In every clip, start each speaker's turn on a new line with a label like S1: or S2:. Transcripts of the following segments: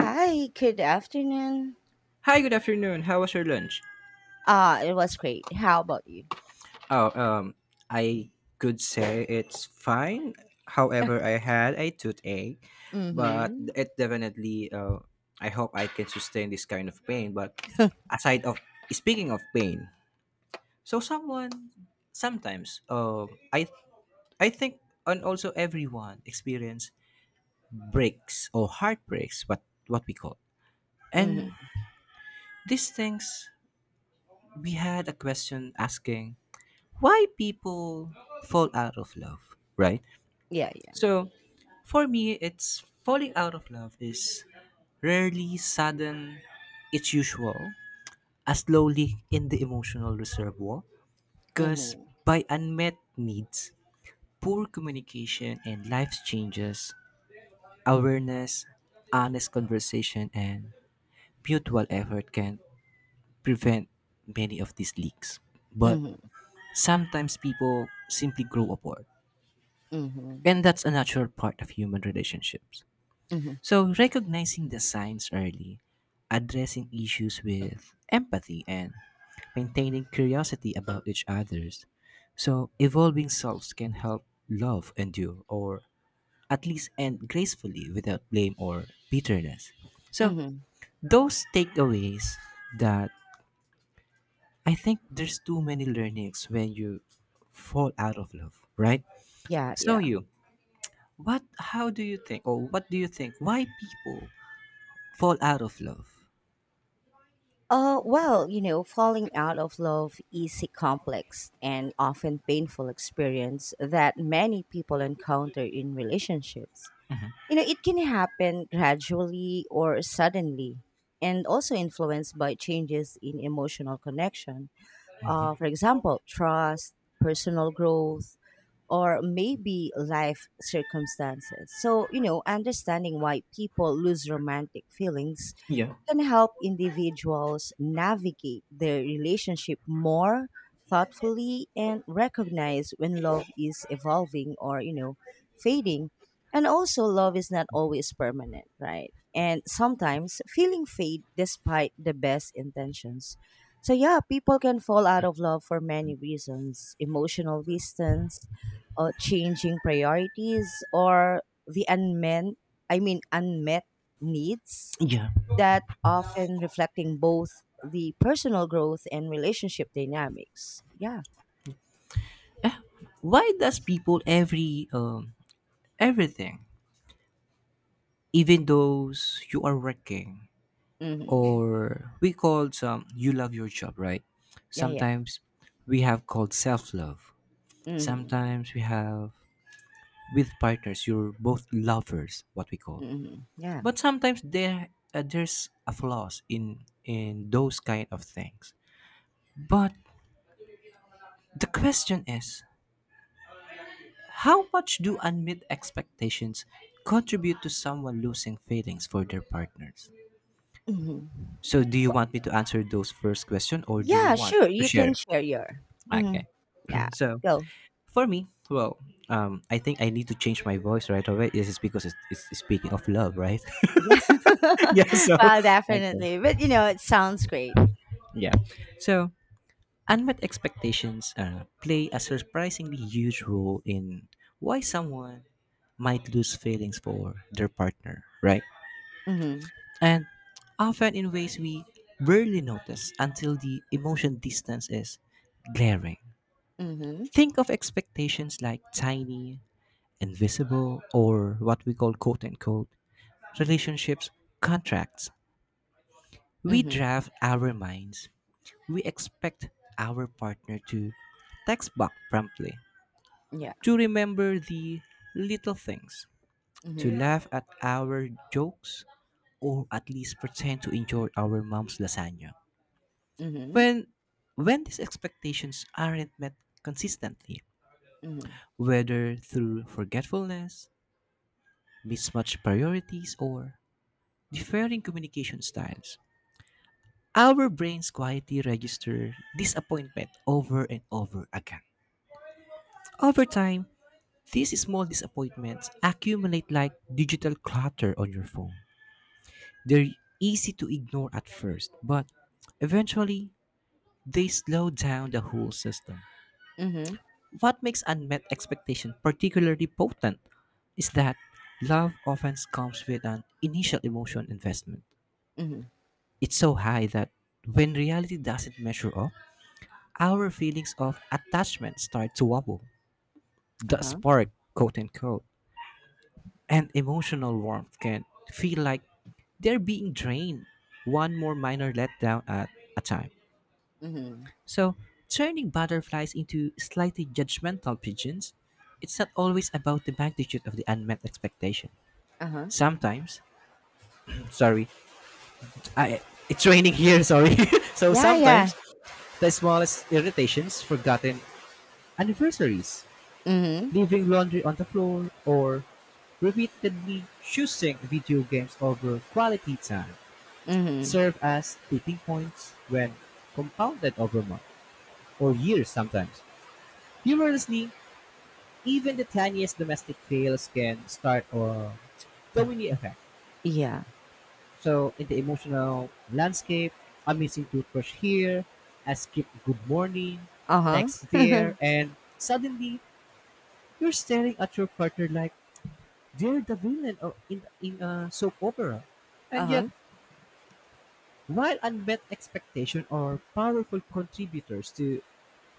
S1: Hi, good afternoon.
S2: Hi, good afternoon. How was your lunch?
S1: It was great. How about you?
S2: Oh, um, I could say it's fine. However, I had a toothache, but
S1: Mm-hmm.
S2: it definitely. I hope I can sustain this kind of pain. But aside of speaking of pain, so someone sometimes, I think, and also everyone experience breaks or heartbreaks. What we call and
S1: Mm-hmm.
S2: these things. We had a question asking why people fall out of love, right?
S1: Yeah, yeah.
S2: So, for me, it's falling out of love is rarely sudden, it's usual, as slowly in the emotional reservoir, because
S1: Mm-hmm.
S2: by unmet needs, poor communication and life's changes, awareness, honest conversation, and mutual effort can prevent many of these leaks. But
S1: Mm-hmm.
S2: sometimes people simply grow apart.
S1: Mm-hmm.
S2: And that's a natural part of human relationships.
S1: Mm-hmm.
S2: So, recognizing the signs early, addressing issues with empathy, and maintaining curiosity about each other's. So, evolving selves can help love endure or at least end gracefully without blame or bitterness. So,
S1: Mm-hmm.
S2: those takeaways that I think there's too many learnings when you fall out of love, right?
S1: Yeah,
S2: So,
S1: yeah.
S2: you, But how do you think, or what do you think, why people fall out of love?
S1: Well, you know, falling out of love is a complex and often painful experience that many people encounter in relationships. You know, it can happen gradually or suddenly, and also influenced by changes in emotional connection, for example, trust, personal growth, or maybe life circumstances. So, you know, understanding why people lose romantic feelings
S2: Yeah.
S1: can help individuals navigate their relationship more thoughtfully and recognize when love is evolving or, you know, fading. And also love is not always permanent, right? And sometimes feeling fade despite the best intentions. So yeah, people can fall out of love for many reasons: emotional distance, changing priorities, or the unmet I mean unmet needs
S2: Yeah.
S1: that often reflecting both the personal growth and relationship dynamics. Yeah.
S2: Why does people everything, even those you are working
S1: Hmm.
S2: or we call some you love your job, right?
S1: Yeah, yeah.
S2: Sometimes we have called self love.
S1: Hmm.
S2: Sometimes we have with partners you're both lovers, what we call.
S1: Hmm. Yeah.
S2: But sometimes there's a flaws in those kind of things. But the question is how much do unmet expectations contribute to someone losing feelings for their partners?
S1: Hmm.
S2: So, do you want me to answer those first question or do you
S1: Yeah,
S2: want
S1: sure.
S2: to
S1: You can
S2: share?
S1: share your. Hmm.
S2: Okay.
S1: Yeah,
S2: So,
S1: go.
S2: for me, well, I think I need to change my voice right away. This is because it's speaking of love, right?
S1: Yeah.
S2: Yeah. So,
S1: Well,
S2: okay.
S1: definitely. But, you know, it sounds great.
S2: Yeah. So, unmet expectations play a surprisingly huge role in why someone might lose feelings for their partner, right?
S1: Hmm.
S2: And often in ways we barely notice until the emotion distance is glaring.
S1: Hmm.
S2: Think of expectations like tiny, invisible, or what we call quote unquote relationships contracts. We
S1: Hmm.
S2: draft our minds. We expect our partner to text back promptly,
S1: Yeah.
S2: to remember the little things, to
S1: Hmm.
S2: laugh at our jokes, or at least pretend to enjoy our mom's lasagna.
S1: Hmm.
S2: When when these expectations aren't met consistently,
S1: Hmm.
S2: whether through forgetfulness, mismatched priorities, or differing communication styles, our brains quietly register disappointment over and over again. Over time, these small disappointments accumulate like digital clutter on your phone. They're easy to ignore at first, but eventually they slow down the whole system.
S1: Hmm.
S2: What makes unmet expectation particularly potent is that love often comes with an initial emotional investment.
S1: Hmm.
S2: It's so high that when reality doesn't measure up, our feelings of attachment start to wobble. The
S1: Uh-huh.
S2: spark, quote unquote, and emotional warmth can feel like they're being drained one more minor letdown at a time.
S1: Hmm.
S2: So, turning butterflies into slightly judgmental pigeons, it's not always about the magnitude of the unmet expectation.
S1: Uh-huh.
S2: Sometimes, sorry, I, it's raining here, sorry. So,
S1: Yeah, yeah.
S2: sometimes the smallest irritations, forgotten anniversaries,
S1: Hmm.
S2: leaving laundry on the floor, or repeatedly choosing video games over quality time
S1: Hmm.
S2: serve as tipping points when compounded over months or years sometimes. Humorously, even the tiniest domestic fails can start a domino effect.
S1: Yeah.
S2: So in the emotional landscape, a missing toothbrush here, a skipped good morning,
S1: Uh-huh.
S2: text there, and suddenly you're staring at your partner like they're the villain or in a soap opera. And yet,
S1: Uh-huh.
S2: while unmet expectation are powerful contributors to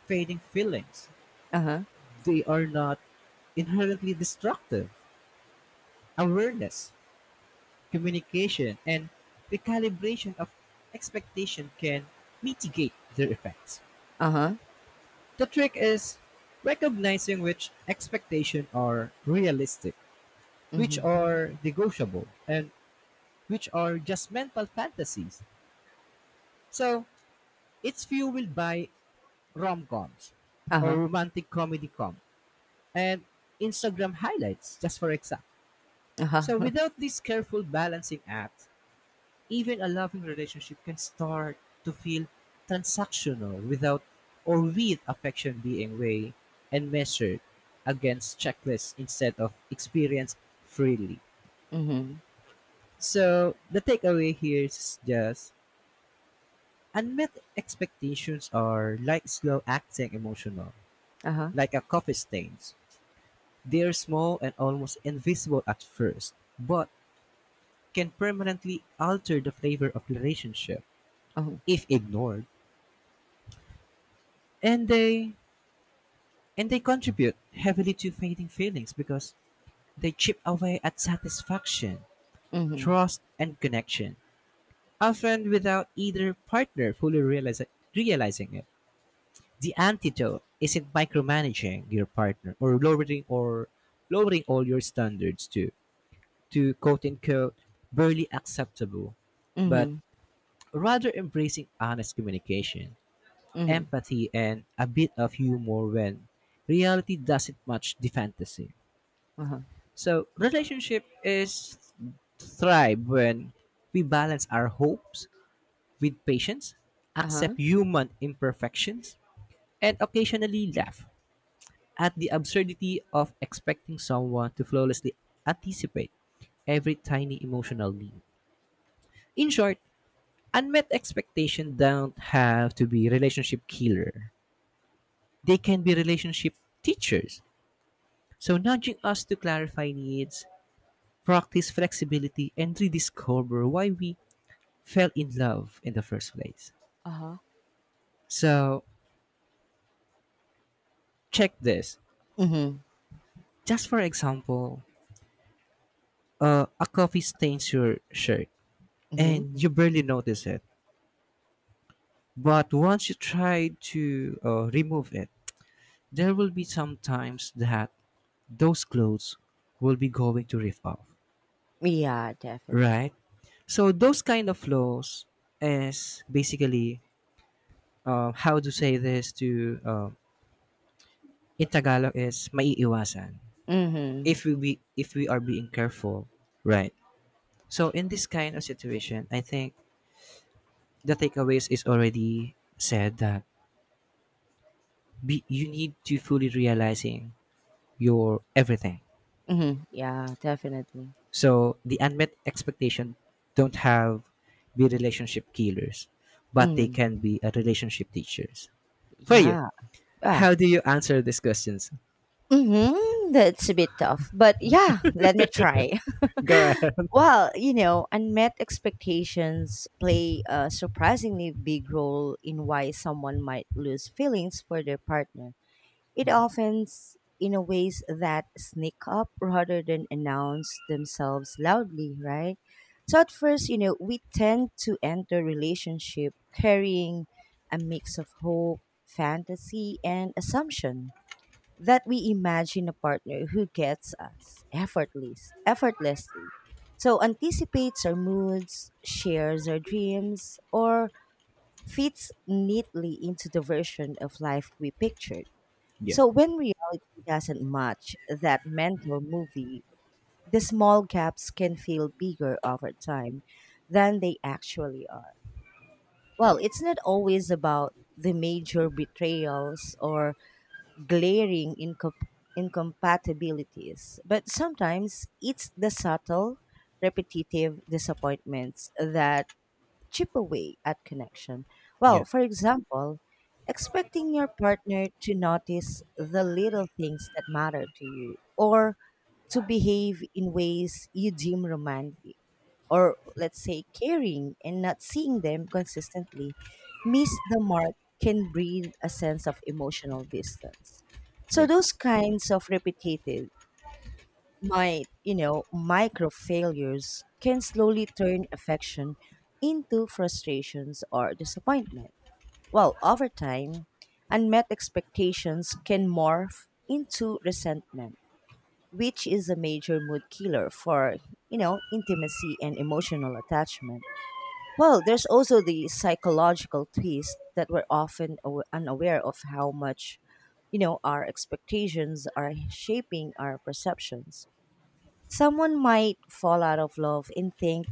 S2: fading feelings,
S1: Uh-huh,
S2: they are not inherently destructive. Awareness, communication, and recalibration of expectation can mitigate their effects.
S1: uh-huh,
S2: The trick is recognizing which expectations are realistic, which
S1: mhm,
S2: are negotiable, and which are just mental fantasies. So it's fueled by rom coms or
S1: uh-huh,
S2: romantic comedy com and Instagram highlights, just for example. So
S1: uh-huh,
S2: without this careful balancing act, even a loving relationship can start to feel transactional without or with affection being weighed and measured against checklists instead of experienced freely.
S1: mhm,
S2: So the takeaway here is just unmet expectations are like slow acting emotional,
S1: uh-huh,
S2: like a coffee stains. They are small and almost invisible at first, but can permanently alter the flavor of the relationship
S1: uh-huh,
S2: if ignored. And they And they contribute heavily to fading feelings because they chip away at satisfaction,
S1: mhm,
S2: trust, and connection, often without either partner fully realizing it. The antidote isn't micromanaging your partner or lowering all your standards to quote unquote barely acceptable, but
S1: mhm,
S2: rather embracing honest communication,
S1: mhm,
S2: empathy, and a bit of humor when reality doesn't match the fantasy.
S1: uh-huh,
S2: So relationship is thrive when we balance our hopes with patience,
S1: uh-huh,
S2: accept human imperfections, and occasionally laugh at the absurdity of expecting someone to flawlessly anticipate every tiny emotional need. In short, unmet expectations don't have to be relationship killer. They can be relationship teachers. So nudging us to clarify needs, practice flexibility, and rediscover why we fell in love in the first place.
S1: uh-huh,
S2: So check this.
S1: mhm,
S2: Just for example, a coffee stains your shirt
S1: mhm.
S2: and you barely notice it. But once you try to remove it, there will be some times that those clothes will be going to rip off,
S1: Yeah, definite
S2: right? So those kind of flaws is basically how to say this to in Tagalog is maiiwasan
S1: mhm,
S2: if we be, if we are being careful, right? So in this kind of situation, I think the takeaways is already said that you need to fully realizing your everything.
S1: mhm, yeah, definitely,
S2: So the unmet expectation don't have be relationship killers, but they
S1: mhm,
S2: can be a relationship teachers. For you,
S1: yeah, ah,
S2: how do you answer these questions?
S1: mhm, that's a bit tough, but yeah, let me try.
S2: Go ahead.
S1: Well, you know, unmet expectations play a surprisingly big role in why someone might lose feelings for their partner. It often s- in a ways that sneak up rather than announce themselves loudly, right? So at first, you know, we tend to enter relationship carrying a mix of hope, fantasy, and assumption, that we imagine a partner who gets us effortlessly. So anticipates our moods, shares our dreams, or fits neatly into the version of life we pictured.
S2: Yeah,
S1: So when reality doesn't match that mental movie, the small gaps can feel bigger over time than they actually are. Well, it's not always about the major betrayals or glaring incompatibilities, but sometimes it's the subtle, repetitive disappointments that cheaper way at connection.
S2: yeah,
S1: Well, for example, expecting your partner to notice the little things that matter to you or to behave in ways you deem romantic, or let's say caring, and not seeing them consistently miss the mark can breed a sense of emotional distance. So
S2: yeah,
S1: those kinds of repetitive my, you know, micro failures can slowly turn affection into frustrations or disappointment. Well, over time, unmet expectations can morph into resentment, which is a major mood killer for, you know, intimacy and emotional attachment. Well, there's also the psychological twist that we're often unaware of how much, you know, our expectations are shaping our perceptions. Someone might fall out of love and think,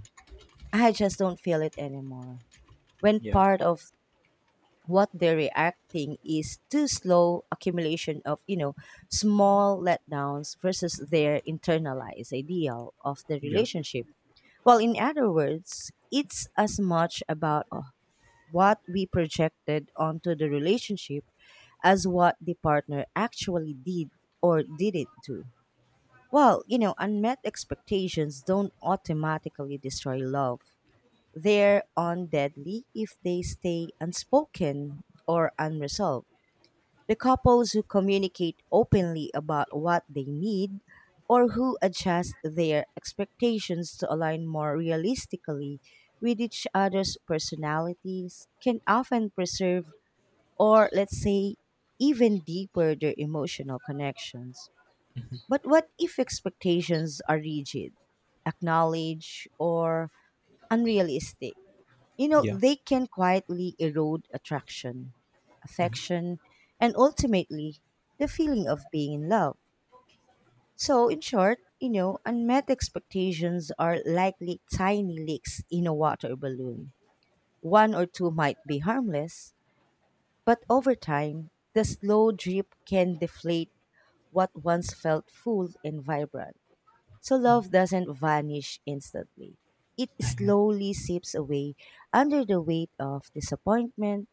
S1: I just don't feel it anymore. When
S2: yeah,
S1: part of what they're reacting is too slow accumulation of, you know, small letdowns versus their internalized ideal of the
S2: yeah,
S1: relationship. Well, in other words, it's as much about what we projected onto the relationship as what the partner actually did or didn't do. Well, you know, unmet expectations don't automatically destroy love. They're undeadly if they stay unspoken or unresolved. The couples who communicate openly about what they need or who adjust their expectations to align more realistically with each other's personalities can often preserve, or let's say, even deeper their emotional connections. But what if expectations are rigid, acknowledged, or unrealistic? You know,
S2: yeah.
S1: they can quietly erode attraction, affection, and ultimately the feeling of being in love. So, in short, you know, unmet expectations are likely tiny leaks in a water balloon. One or two might be harmless, but over time, the slow drip can deflate what once felt full and vibrant. So love doesn't vanish instantly. It
S2: Ah, yeah,
S1: slowly seeps away under the weight of disappointment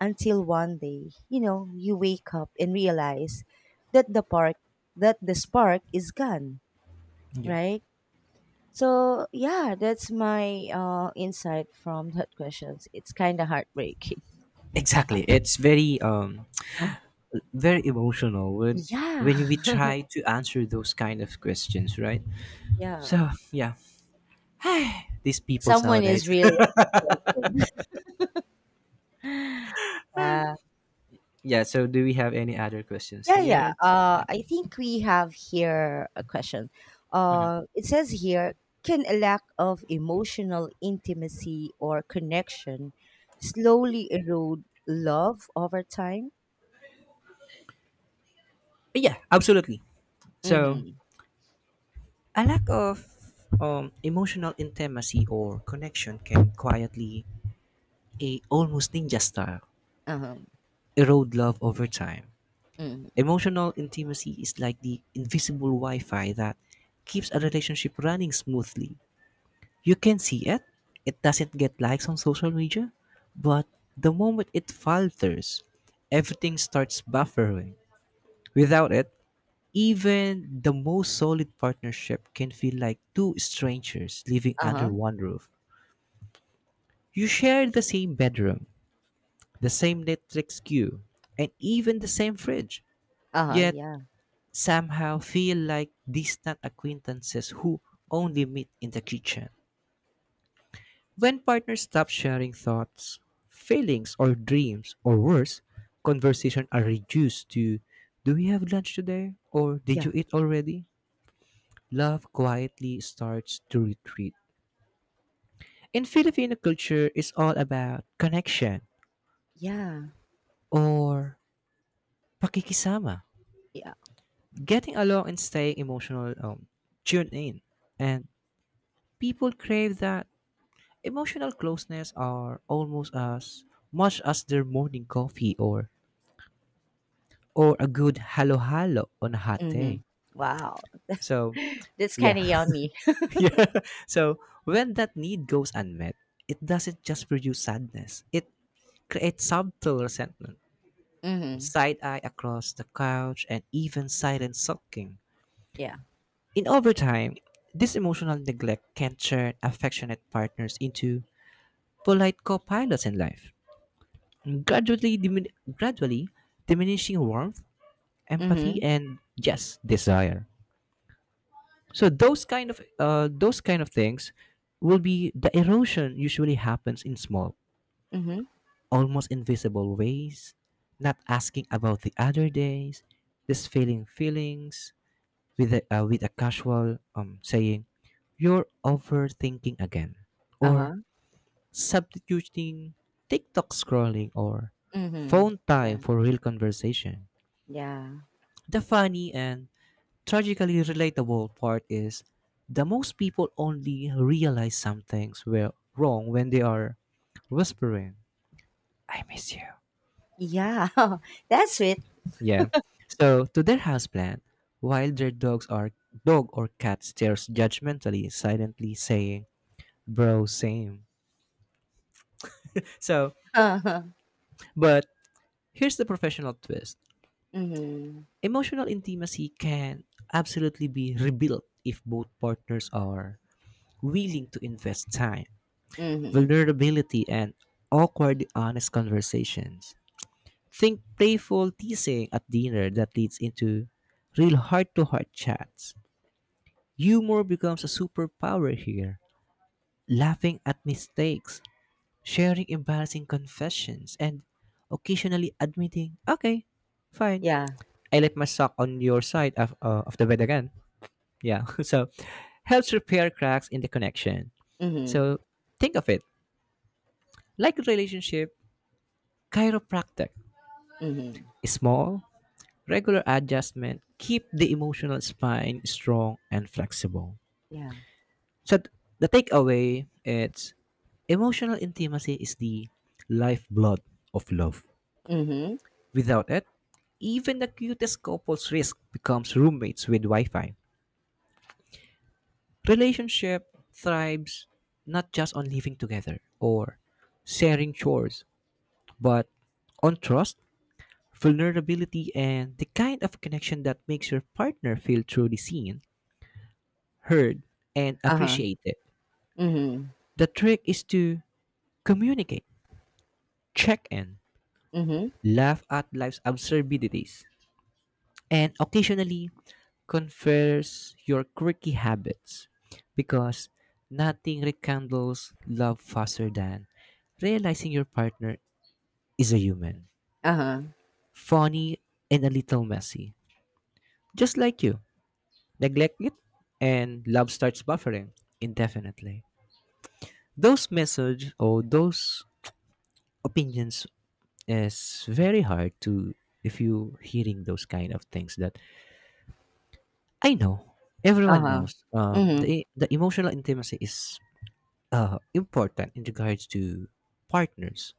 S1: until one day, you know, you wake up and realize that the park that the spark is gone,
S2: yeah.
S1: right? So yeah, that's my insight from that questions. It's kind of heartbreaking.
S2: Exactly. It's very very emotional
S1: Yeah.
S2: when we try to answer those kind of questions, right?
S1: Yeah.
S2: So yeah, these peoples
S1: Someone is
S2: nowadays.
S1: really heartbroken. Yeah.
S2: Yeah. So do we have any other questions
S1: Yeah, yeah.
S2: here? Yeah.
S1: I think we have here a question. It says here, can a lack of emotional intimacy or connection slowly erode love over time?
S2: Yeah. Absolutely. So
S1: Mm-hmm.
S2: a lack of emotional intimacy or connection can quietly, a almost ninja style,
S1: Uh-huh.
S2: erode love over time.
S1: Mm-hmm.
S2: Emotional intimacy is like the invisible Wi-Fi that keeps a relationship running smoothly you can see it. It doesn't get likes on social media, but the moment it falters, everything starts buffering. Without it, even the most solid partnership can feel like two strangers living under
S1: Uh-huh.
S2: one roof. You share the same bedroom, the same Netflix queue, and even the same fridge,
S1: Uh-huh.
S2: yet
S1: Yeah.
S2: somehow feel like distant acquaintances who only meet in the kitchen. When partners stop sharing thoughts, feelings, or dreams, or worse, conversation are reduced to do we have lunch today? Or did you
S1: Yeah.
S2: eat already? Love quietly starts to retreat. In Filipino culture, it's all about connection
S1: Yeah.
S2: or pakikisama,
S1: Yeah.
S2: getting along and staying emotional, tuned in. And people crave that emotional closeness are almost as much as their morning coffee or a good halo halo on a hot
S1: Mm-hmm.
S2: day.
S1: Wow.
S2: So,
S1: That's kind
S2: yeah.
S1: of yummy.
S2: Yeah. So, when that need goes unmet, it doesn't just produce sadness, it creates subtle resentment,
S1: Mm-hmm.
S2: side eye across the couch, and even silent sulking.
S1: Yeah.
S2: In overtime, this emotional neglect can turn affectionate partners into polite co pilots in life, gradually, dimin- gradually diminishing warmth, empathy,
S1: Mm-hmm.
S2: and yes, desire. So those kind of things will be the erosion usually happens in small
S1: Mm-hmm.
S2: almost invisible ways not asking about the other days just feeling feelings with a casual saying you're overthinking again or
S1: Uh-huh.
S2: substituting tiktok scrolling or
S1: Mm-hmm.
S2: phone time
S1: Yeah.
S2: for real conversation
S1: Yeah.
S2: the funny and tragically relatable part is the most people only realize some things were wrong when they are whispering, I miss you.
S1: Yeah. That's it.
S2: Yeah. So to their houseplant, while their dogs are dog or cat stares judgmentally, silently saying, bro, same. So
S1: Uh-huh.
S2: but here's the professional twist.
S1: Mm-hmm.
S2: Emotional intimacy can absolutely be rebuilt if both partners are willing to invest time,
S1: Mhm.
S2: vulnerability, and awkward, honest conversations. Think playful teasing at dinner that leads into real heart to heart chats. Humor becomes a superpower here. Laughing at mistakes, sharing embarrassing confessions, and occasionally admitting, okay, fine,
S1: Yeah.
S2: I let my sock on your side of the bed again. Yeah, so helps repair cracks in the connection.
S1: Mhm.
S2: So think of it like a relationship chiropractic.
S1: Mhm.
S2: Small, regular adjustment keep the emotional spine strong and flexible.
S1: Yeah.
S2: So the takeaway it's emotional intimacy is the lifeblood of love.
S1: Mhm.
S2: Without it, even the cutest couple's risk becomes roommates with Wi-Fi. Relationship thrives not just on living together or sharing chores, but on trust, vulnerability, and the kind of connection that makes your partner feel truly seen, heard, and
S1: Uh-huh.
S2: appreciated.
S1: Mhm.
S2: The trick is to communicate, check in,
S1: Mhm.
S2: laugh at life's absurdities, and occasionally confess your quirky habits because nothing rekindles love faster than realizing your partner is a human,
S1: Uh-huh.
S2: funny and a little messy, just like you. Neglect it, and love starts buffering indefinitely. Those messages or those opinions is very hard to if you hearing those kind of things that I know everyone
S1: Uh-huh.
S2: knows the
S1: Mhm.
S2: e- the emotional intimacy is important in regards to partners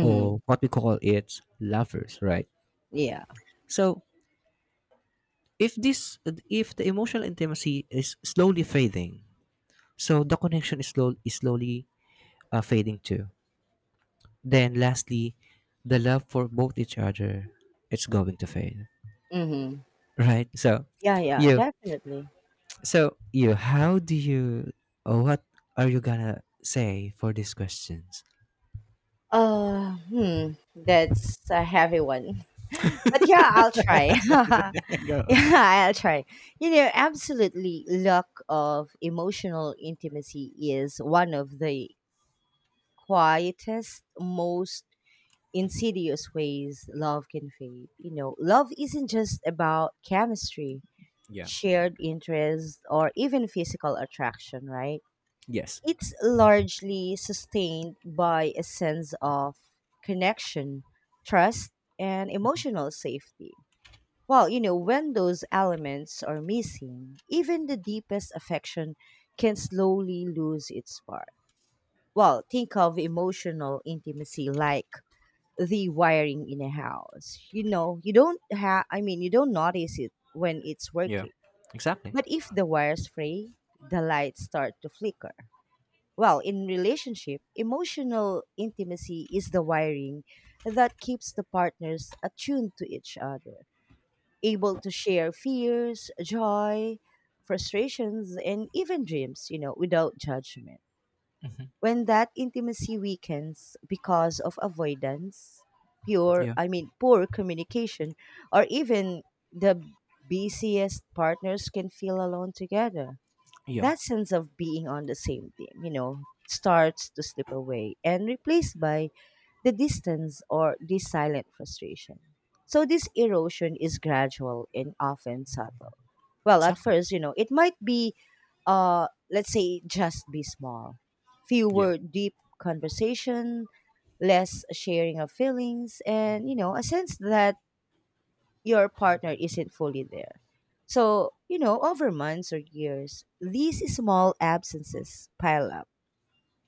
S2: or what we call it lovers, right?
S1: Yeah.
S2: So if this if the emotional intimacy is slowly fading, so the connection is slowly fading too, then lastly the love for both each other it's going to fade,
S1: Mhm.
S2: right? So
S1: Yeah, yeah,
S2: you
S1: definitely.
S2: So, how do you, or what are you gonna say for these questions?
S1: Hmm, that's a heavy one. But yeah, I'll try. Yeah, I'll try. You know, absolutely, lack of emotional intimacy is one of the quietest, most insidious ways love can fade. You know, love isn't just about chemistry,
S2: Yeah.
S1: shared interest, or even physical attraction, right?
S2: Yes.
S1: It's largely sustained by a sense of connection, trust, and emotional safety. Well, you know, when those elements are missing, even the deepest affection can slowly lose its spark. Well, think of emotional intimacy like the wiring in a house. You know, you don't have, I mean, you don't notice it when it's
S2: Yeah.
S1: working.
S2: Exactly.
S1: But if the wires fray, the lights start to flicker. Well, in relationship, emotional intimacy is the wiring that keeps the partners attuned to each other, able to share fears, joy, frustrations, and even dreams, you know, without judgment.
S2: Hmm.
S1: When that intimacy weakens because of avoidance,
S2: Yeah.
S1: poor communication, or even the busiest partners can feel alone together.
S2: Yeah.
S1: That sense of being on the same team, you know, starts to slip away and replaced by the distance or the silent frustration. So this erosion is gradual and often subtle. Well, at
S2: Exactly.
S1: first, you know, it might be, let's say, just be small.
S2: Yeah.
S1: Fewer deep conversation, less sharing of feelings, and, you know, a sense that your partner isn't fully there. So, you know, over months or years, these small absences pile up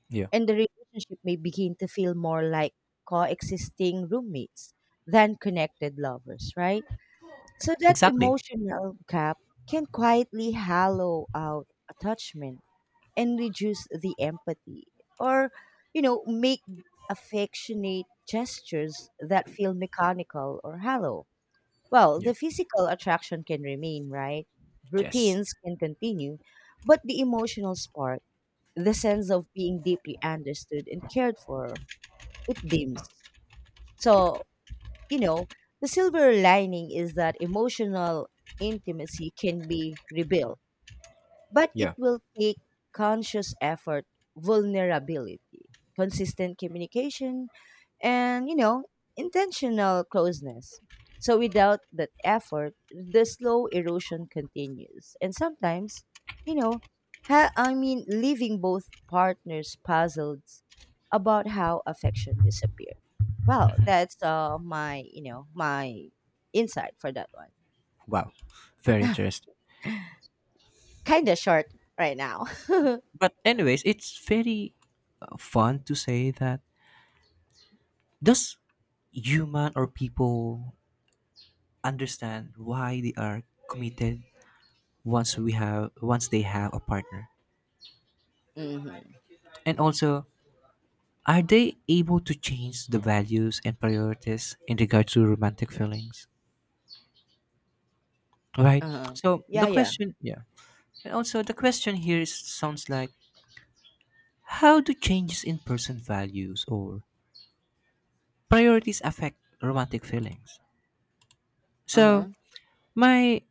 S2: Yeah.
S1: and the relationship may begin to feel more like coexisting roommates than connected lovers, right? So that
S2: Exactly.
S1: emotional gap can quietly hollow out attachment and reduce the empathy, or, you know, make affectionate gestures that feel mechanical or hollow. Well,
S2: Yeah.
S1: the physical attraction can remain, right?
S2: Yes.
S1: Routines can continue, but the emotional spark, the sense of being deeply understood and cared for, it dims. So, you know, the silver lining is that emotional intimacy can be rebuilt, but it
S2: Yeah.
S1: will take conscious effort, vulnerability, consistent communication, and, you know, intentional closeness. So without that effort the slow erosion continues and sometimes, you know, leaving both partners puzzled about how affection disappeared. Well, that's my, you know, my insight for that one,
S2: Wow. Very interesting.
S1: kind of short right now. Mm-hmm.
S2: But anyways, it's very fun to say that, does human or people understand why they are committed once they have a partner, and also are they able to change the values and priorities in regard to romantic feelings? Right.
S1: Uh-huh.
S2: So the
S1: Yeah, yeah.
S2: question, yeah. And also the question here is, sounds like how do changes in person values or priorities affect romantic feelings? So
S1: Uh-huh.
S2: my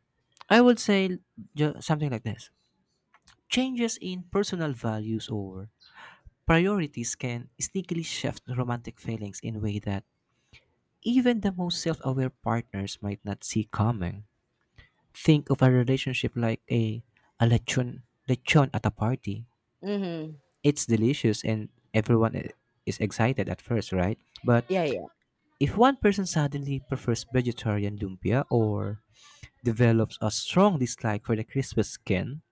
S2: I would say something like this. Changes in personal values or priorities can sneakily shift romantic feelings in a way that even the most self aware partners might not see coming. Think of a relationship like a lechon, lechon at a party.
S1: Mm-hmm.
S2: It's delicious and everyone is excited at first, right? But
S1: Yeah, yeah.
S2: if one person suddenly prefers vegetarian lumpia or develops a strong dislike for the crispy skin,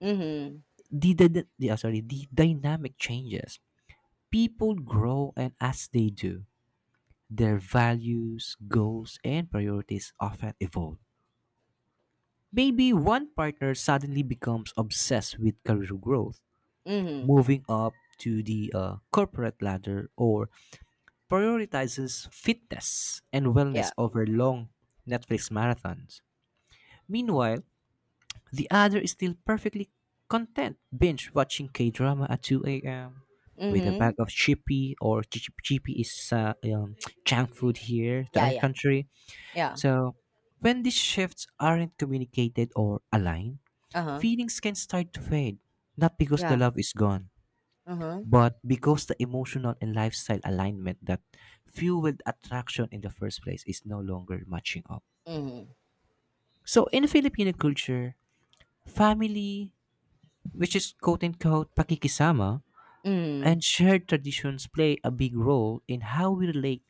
S1: Mm-hmm.
S2: the dynamic changes. People grow, and as they do, their values, goals, and priorities often evolve. Maybe one partner suddenly becomes obsessed with career growth,
S1: Mm-hmm.
S2: moving up to the corporate ladder or prioritizes fitness and wellness
S1: Yeah.
S2: over long Netflix marathons. Meanwhile, the other is still perfectly content binge watching K drama at 2 a.m. with a bag
S1: Mm-hmm.
S2: of chippy or GP is junk food here to
S1: Yeah,
S2: other
S1: yeah,
S2: country.
S1: yeah.
S2: So when these shifts aren't communicated or aligned,
S1: Uh-huh.
S2: feelings can start to fade, not because the
S1: Yeah.
S2: love is gone,
S1: Uh-huh.
S2: but because the emotional and lifestyle alignment that fueled attraction in the first place is no longer matching up.
S1: Mm.
S2: So in Filipino culture, family, which is quote unquote pakikisama,
S1: Mm.
S2: and shared traditions play a big role in how we relate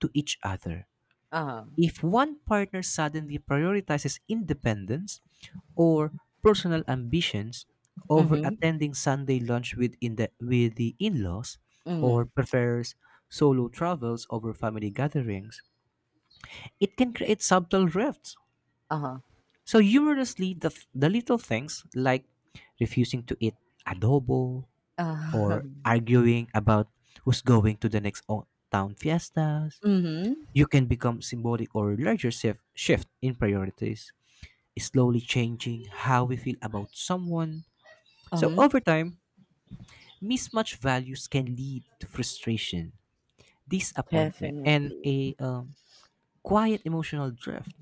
S2: to each other.
S1: Uh-huh.
S2: If one partner suddenly prioritizes independence or personal ambitions over
S1: Mhm.
S2: attending Sunday lunch with the in laws or
S1: Mm.
S2: prefers solo travels over family gatherings, it can create subtle rifts.
S1: Uh-huh.
S2: So, humorously, the little things like refusing to eat adobo
S1: Uh-huh.
S2: or arguing about who's going to the next town fiestas,
S1: Mhm.
S2: you can become symbolic or larger shift in priorities, slowly changing how we feel about someone. So
S1: Um,
S2: over time, mismatched values can lead to frustration, disappointment, and
S1: definitely.
S2: a quiet emotional drift,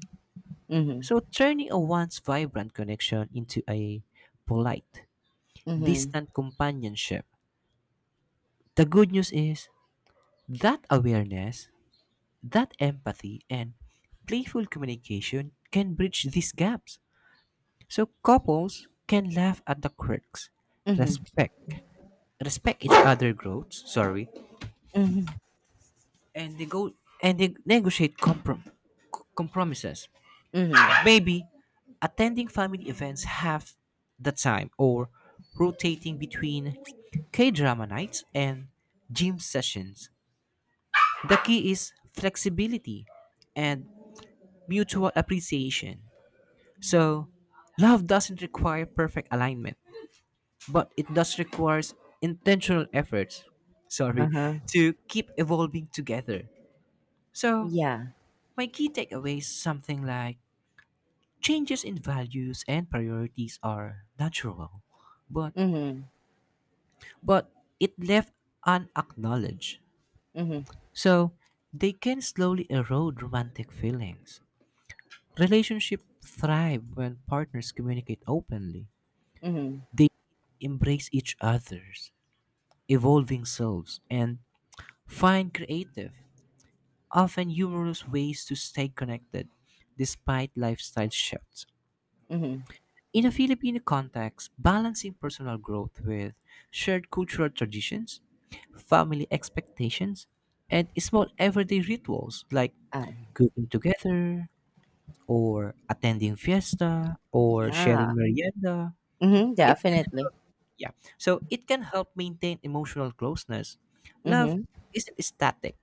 S1: Mhm.
S2: so turning a once vibrant connection into a polite,
S1: Mhm.
S2: distant companionship. The good news is that awareness, that empathy, and playful communication can bridge these gaps. So couples can laugh at the quirks,
S1: Mhm.
S2: respect respect each other growths, sorry,
S1: Mhm.
S2: and they go and they negotiate compromises,
S1: Mhm.
S2: maybe attending family events half the time or rotating between k-drama nights and gym sessions. The key is flexibility and mutual appreciation. So love doesn't require perfect alignment, but it does requires intentional efforts. Sorry,
S1: Uh-huh.
S2: to keep evolving together. So
S1: Yeah.
S2: my key takeaways something like changes in values and priorities are natural, but
S1: Mhm.
S2: but it left unacknowledged.
S1: Mhm.
S2: So they can slowly erode romantic feelings. Relationships thrive when partners communicate openly.
S1: Mhm.
S2: They embrace each other's evolving selves and find creative, often humorous ways to stay connected despite lifestyle shifts.
S1: Mhm.
S2: In a Filipino context, balancing personal growth with shared cultural traditions, family expectations, and small everyday rituals like
S1: Uh,
S2: cooking together or attending fiesta or
S1: yeah.
S2: sharing merienda,
S1: Mhm.
S2: it can
S1: Definitely.
S2: yeah. So it can help maintain emotional closeness. Love
S1: Mhm.
S2: isn't static.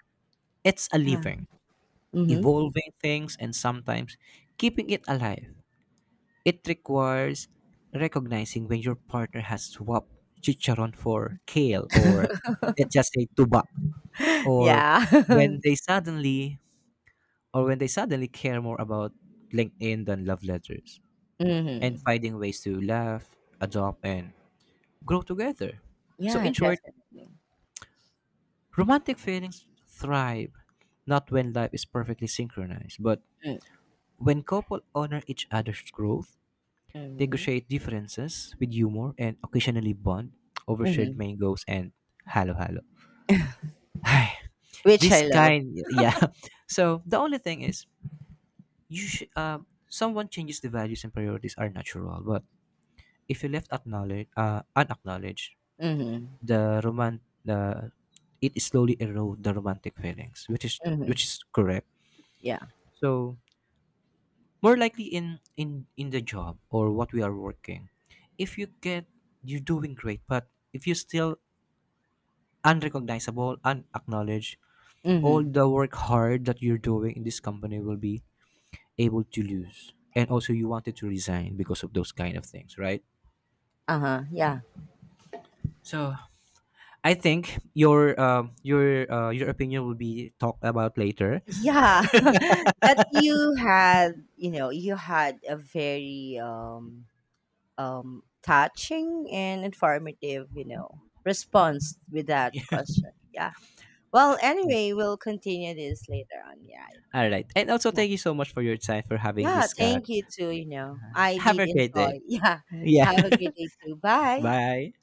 S2: It's a
S1: Yeah.
S2: living,
S1: Mhm.
S2: evolving things and sometimes keeping it alive. It requires recognizing when your partner has swapped chicharon for kale, or let's just say tuba, or
S1: Yeah.
S2: when they suddenly or when they suddenly care more about LinkedIn than love letters, and
S1: Mhm.
S2: finding ways to laugh, adopt and grow together. So
S1: Yeah,
S2: in short,
S1: definitely.
S2: romantic feelings thrive not when life is perfectly synchronized, but when couple honor each other's growth,
S1: Mhm.
S2: negotiate differences with humor and occasionally bond over shared
S1: Mhm.
S2: mangoes and halo halo.
S1: Which
S2: This
S1: I love.
S2: kind, yeah. So the only thing is, you someone changes the values and priorities are natural, but if you left acknowledge, unacknowledged,
S1: Mhm.
S2: the it slowly erode the romantic feelings,
S1: Mhm.
S2: which is correct.
S1: Yeah.
S2: So more likely in the job or what we are working, if you get you're doing great, but if you still unrecognizable, unacknowledged, all
S1: Mhm.
S2: the work hard that you're doing in this company will be able to lose. And also, you wanted to resign because of those kind of things, right?
S1: Uh-huh. Yeah.
S2: So I think your your opinion will be talked about later.
S1: Yeah. But you had, you know, you had a very touching and informative, you know, response with that question. Yeah. Well, anyway, we'll continue this later on. Yeah.
S2: All right, and also
S1: Yeah.
S2: thank you so much for your time for having
S1: Yeah,
S2: this.
S1: thank you too, you know. I
S2: Have
S1: did
S2: a great
S1: enjoy.
S2: day.
S1: Yeah.
S2: Yeah,
S1: Have a great day too. Bye.
S2: bye.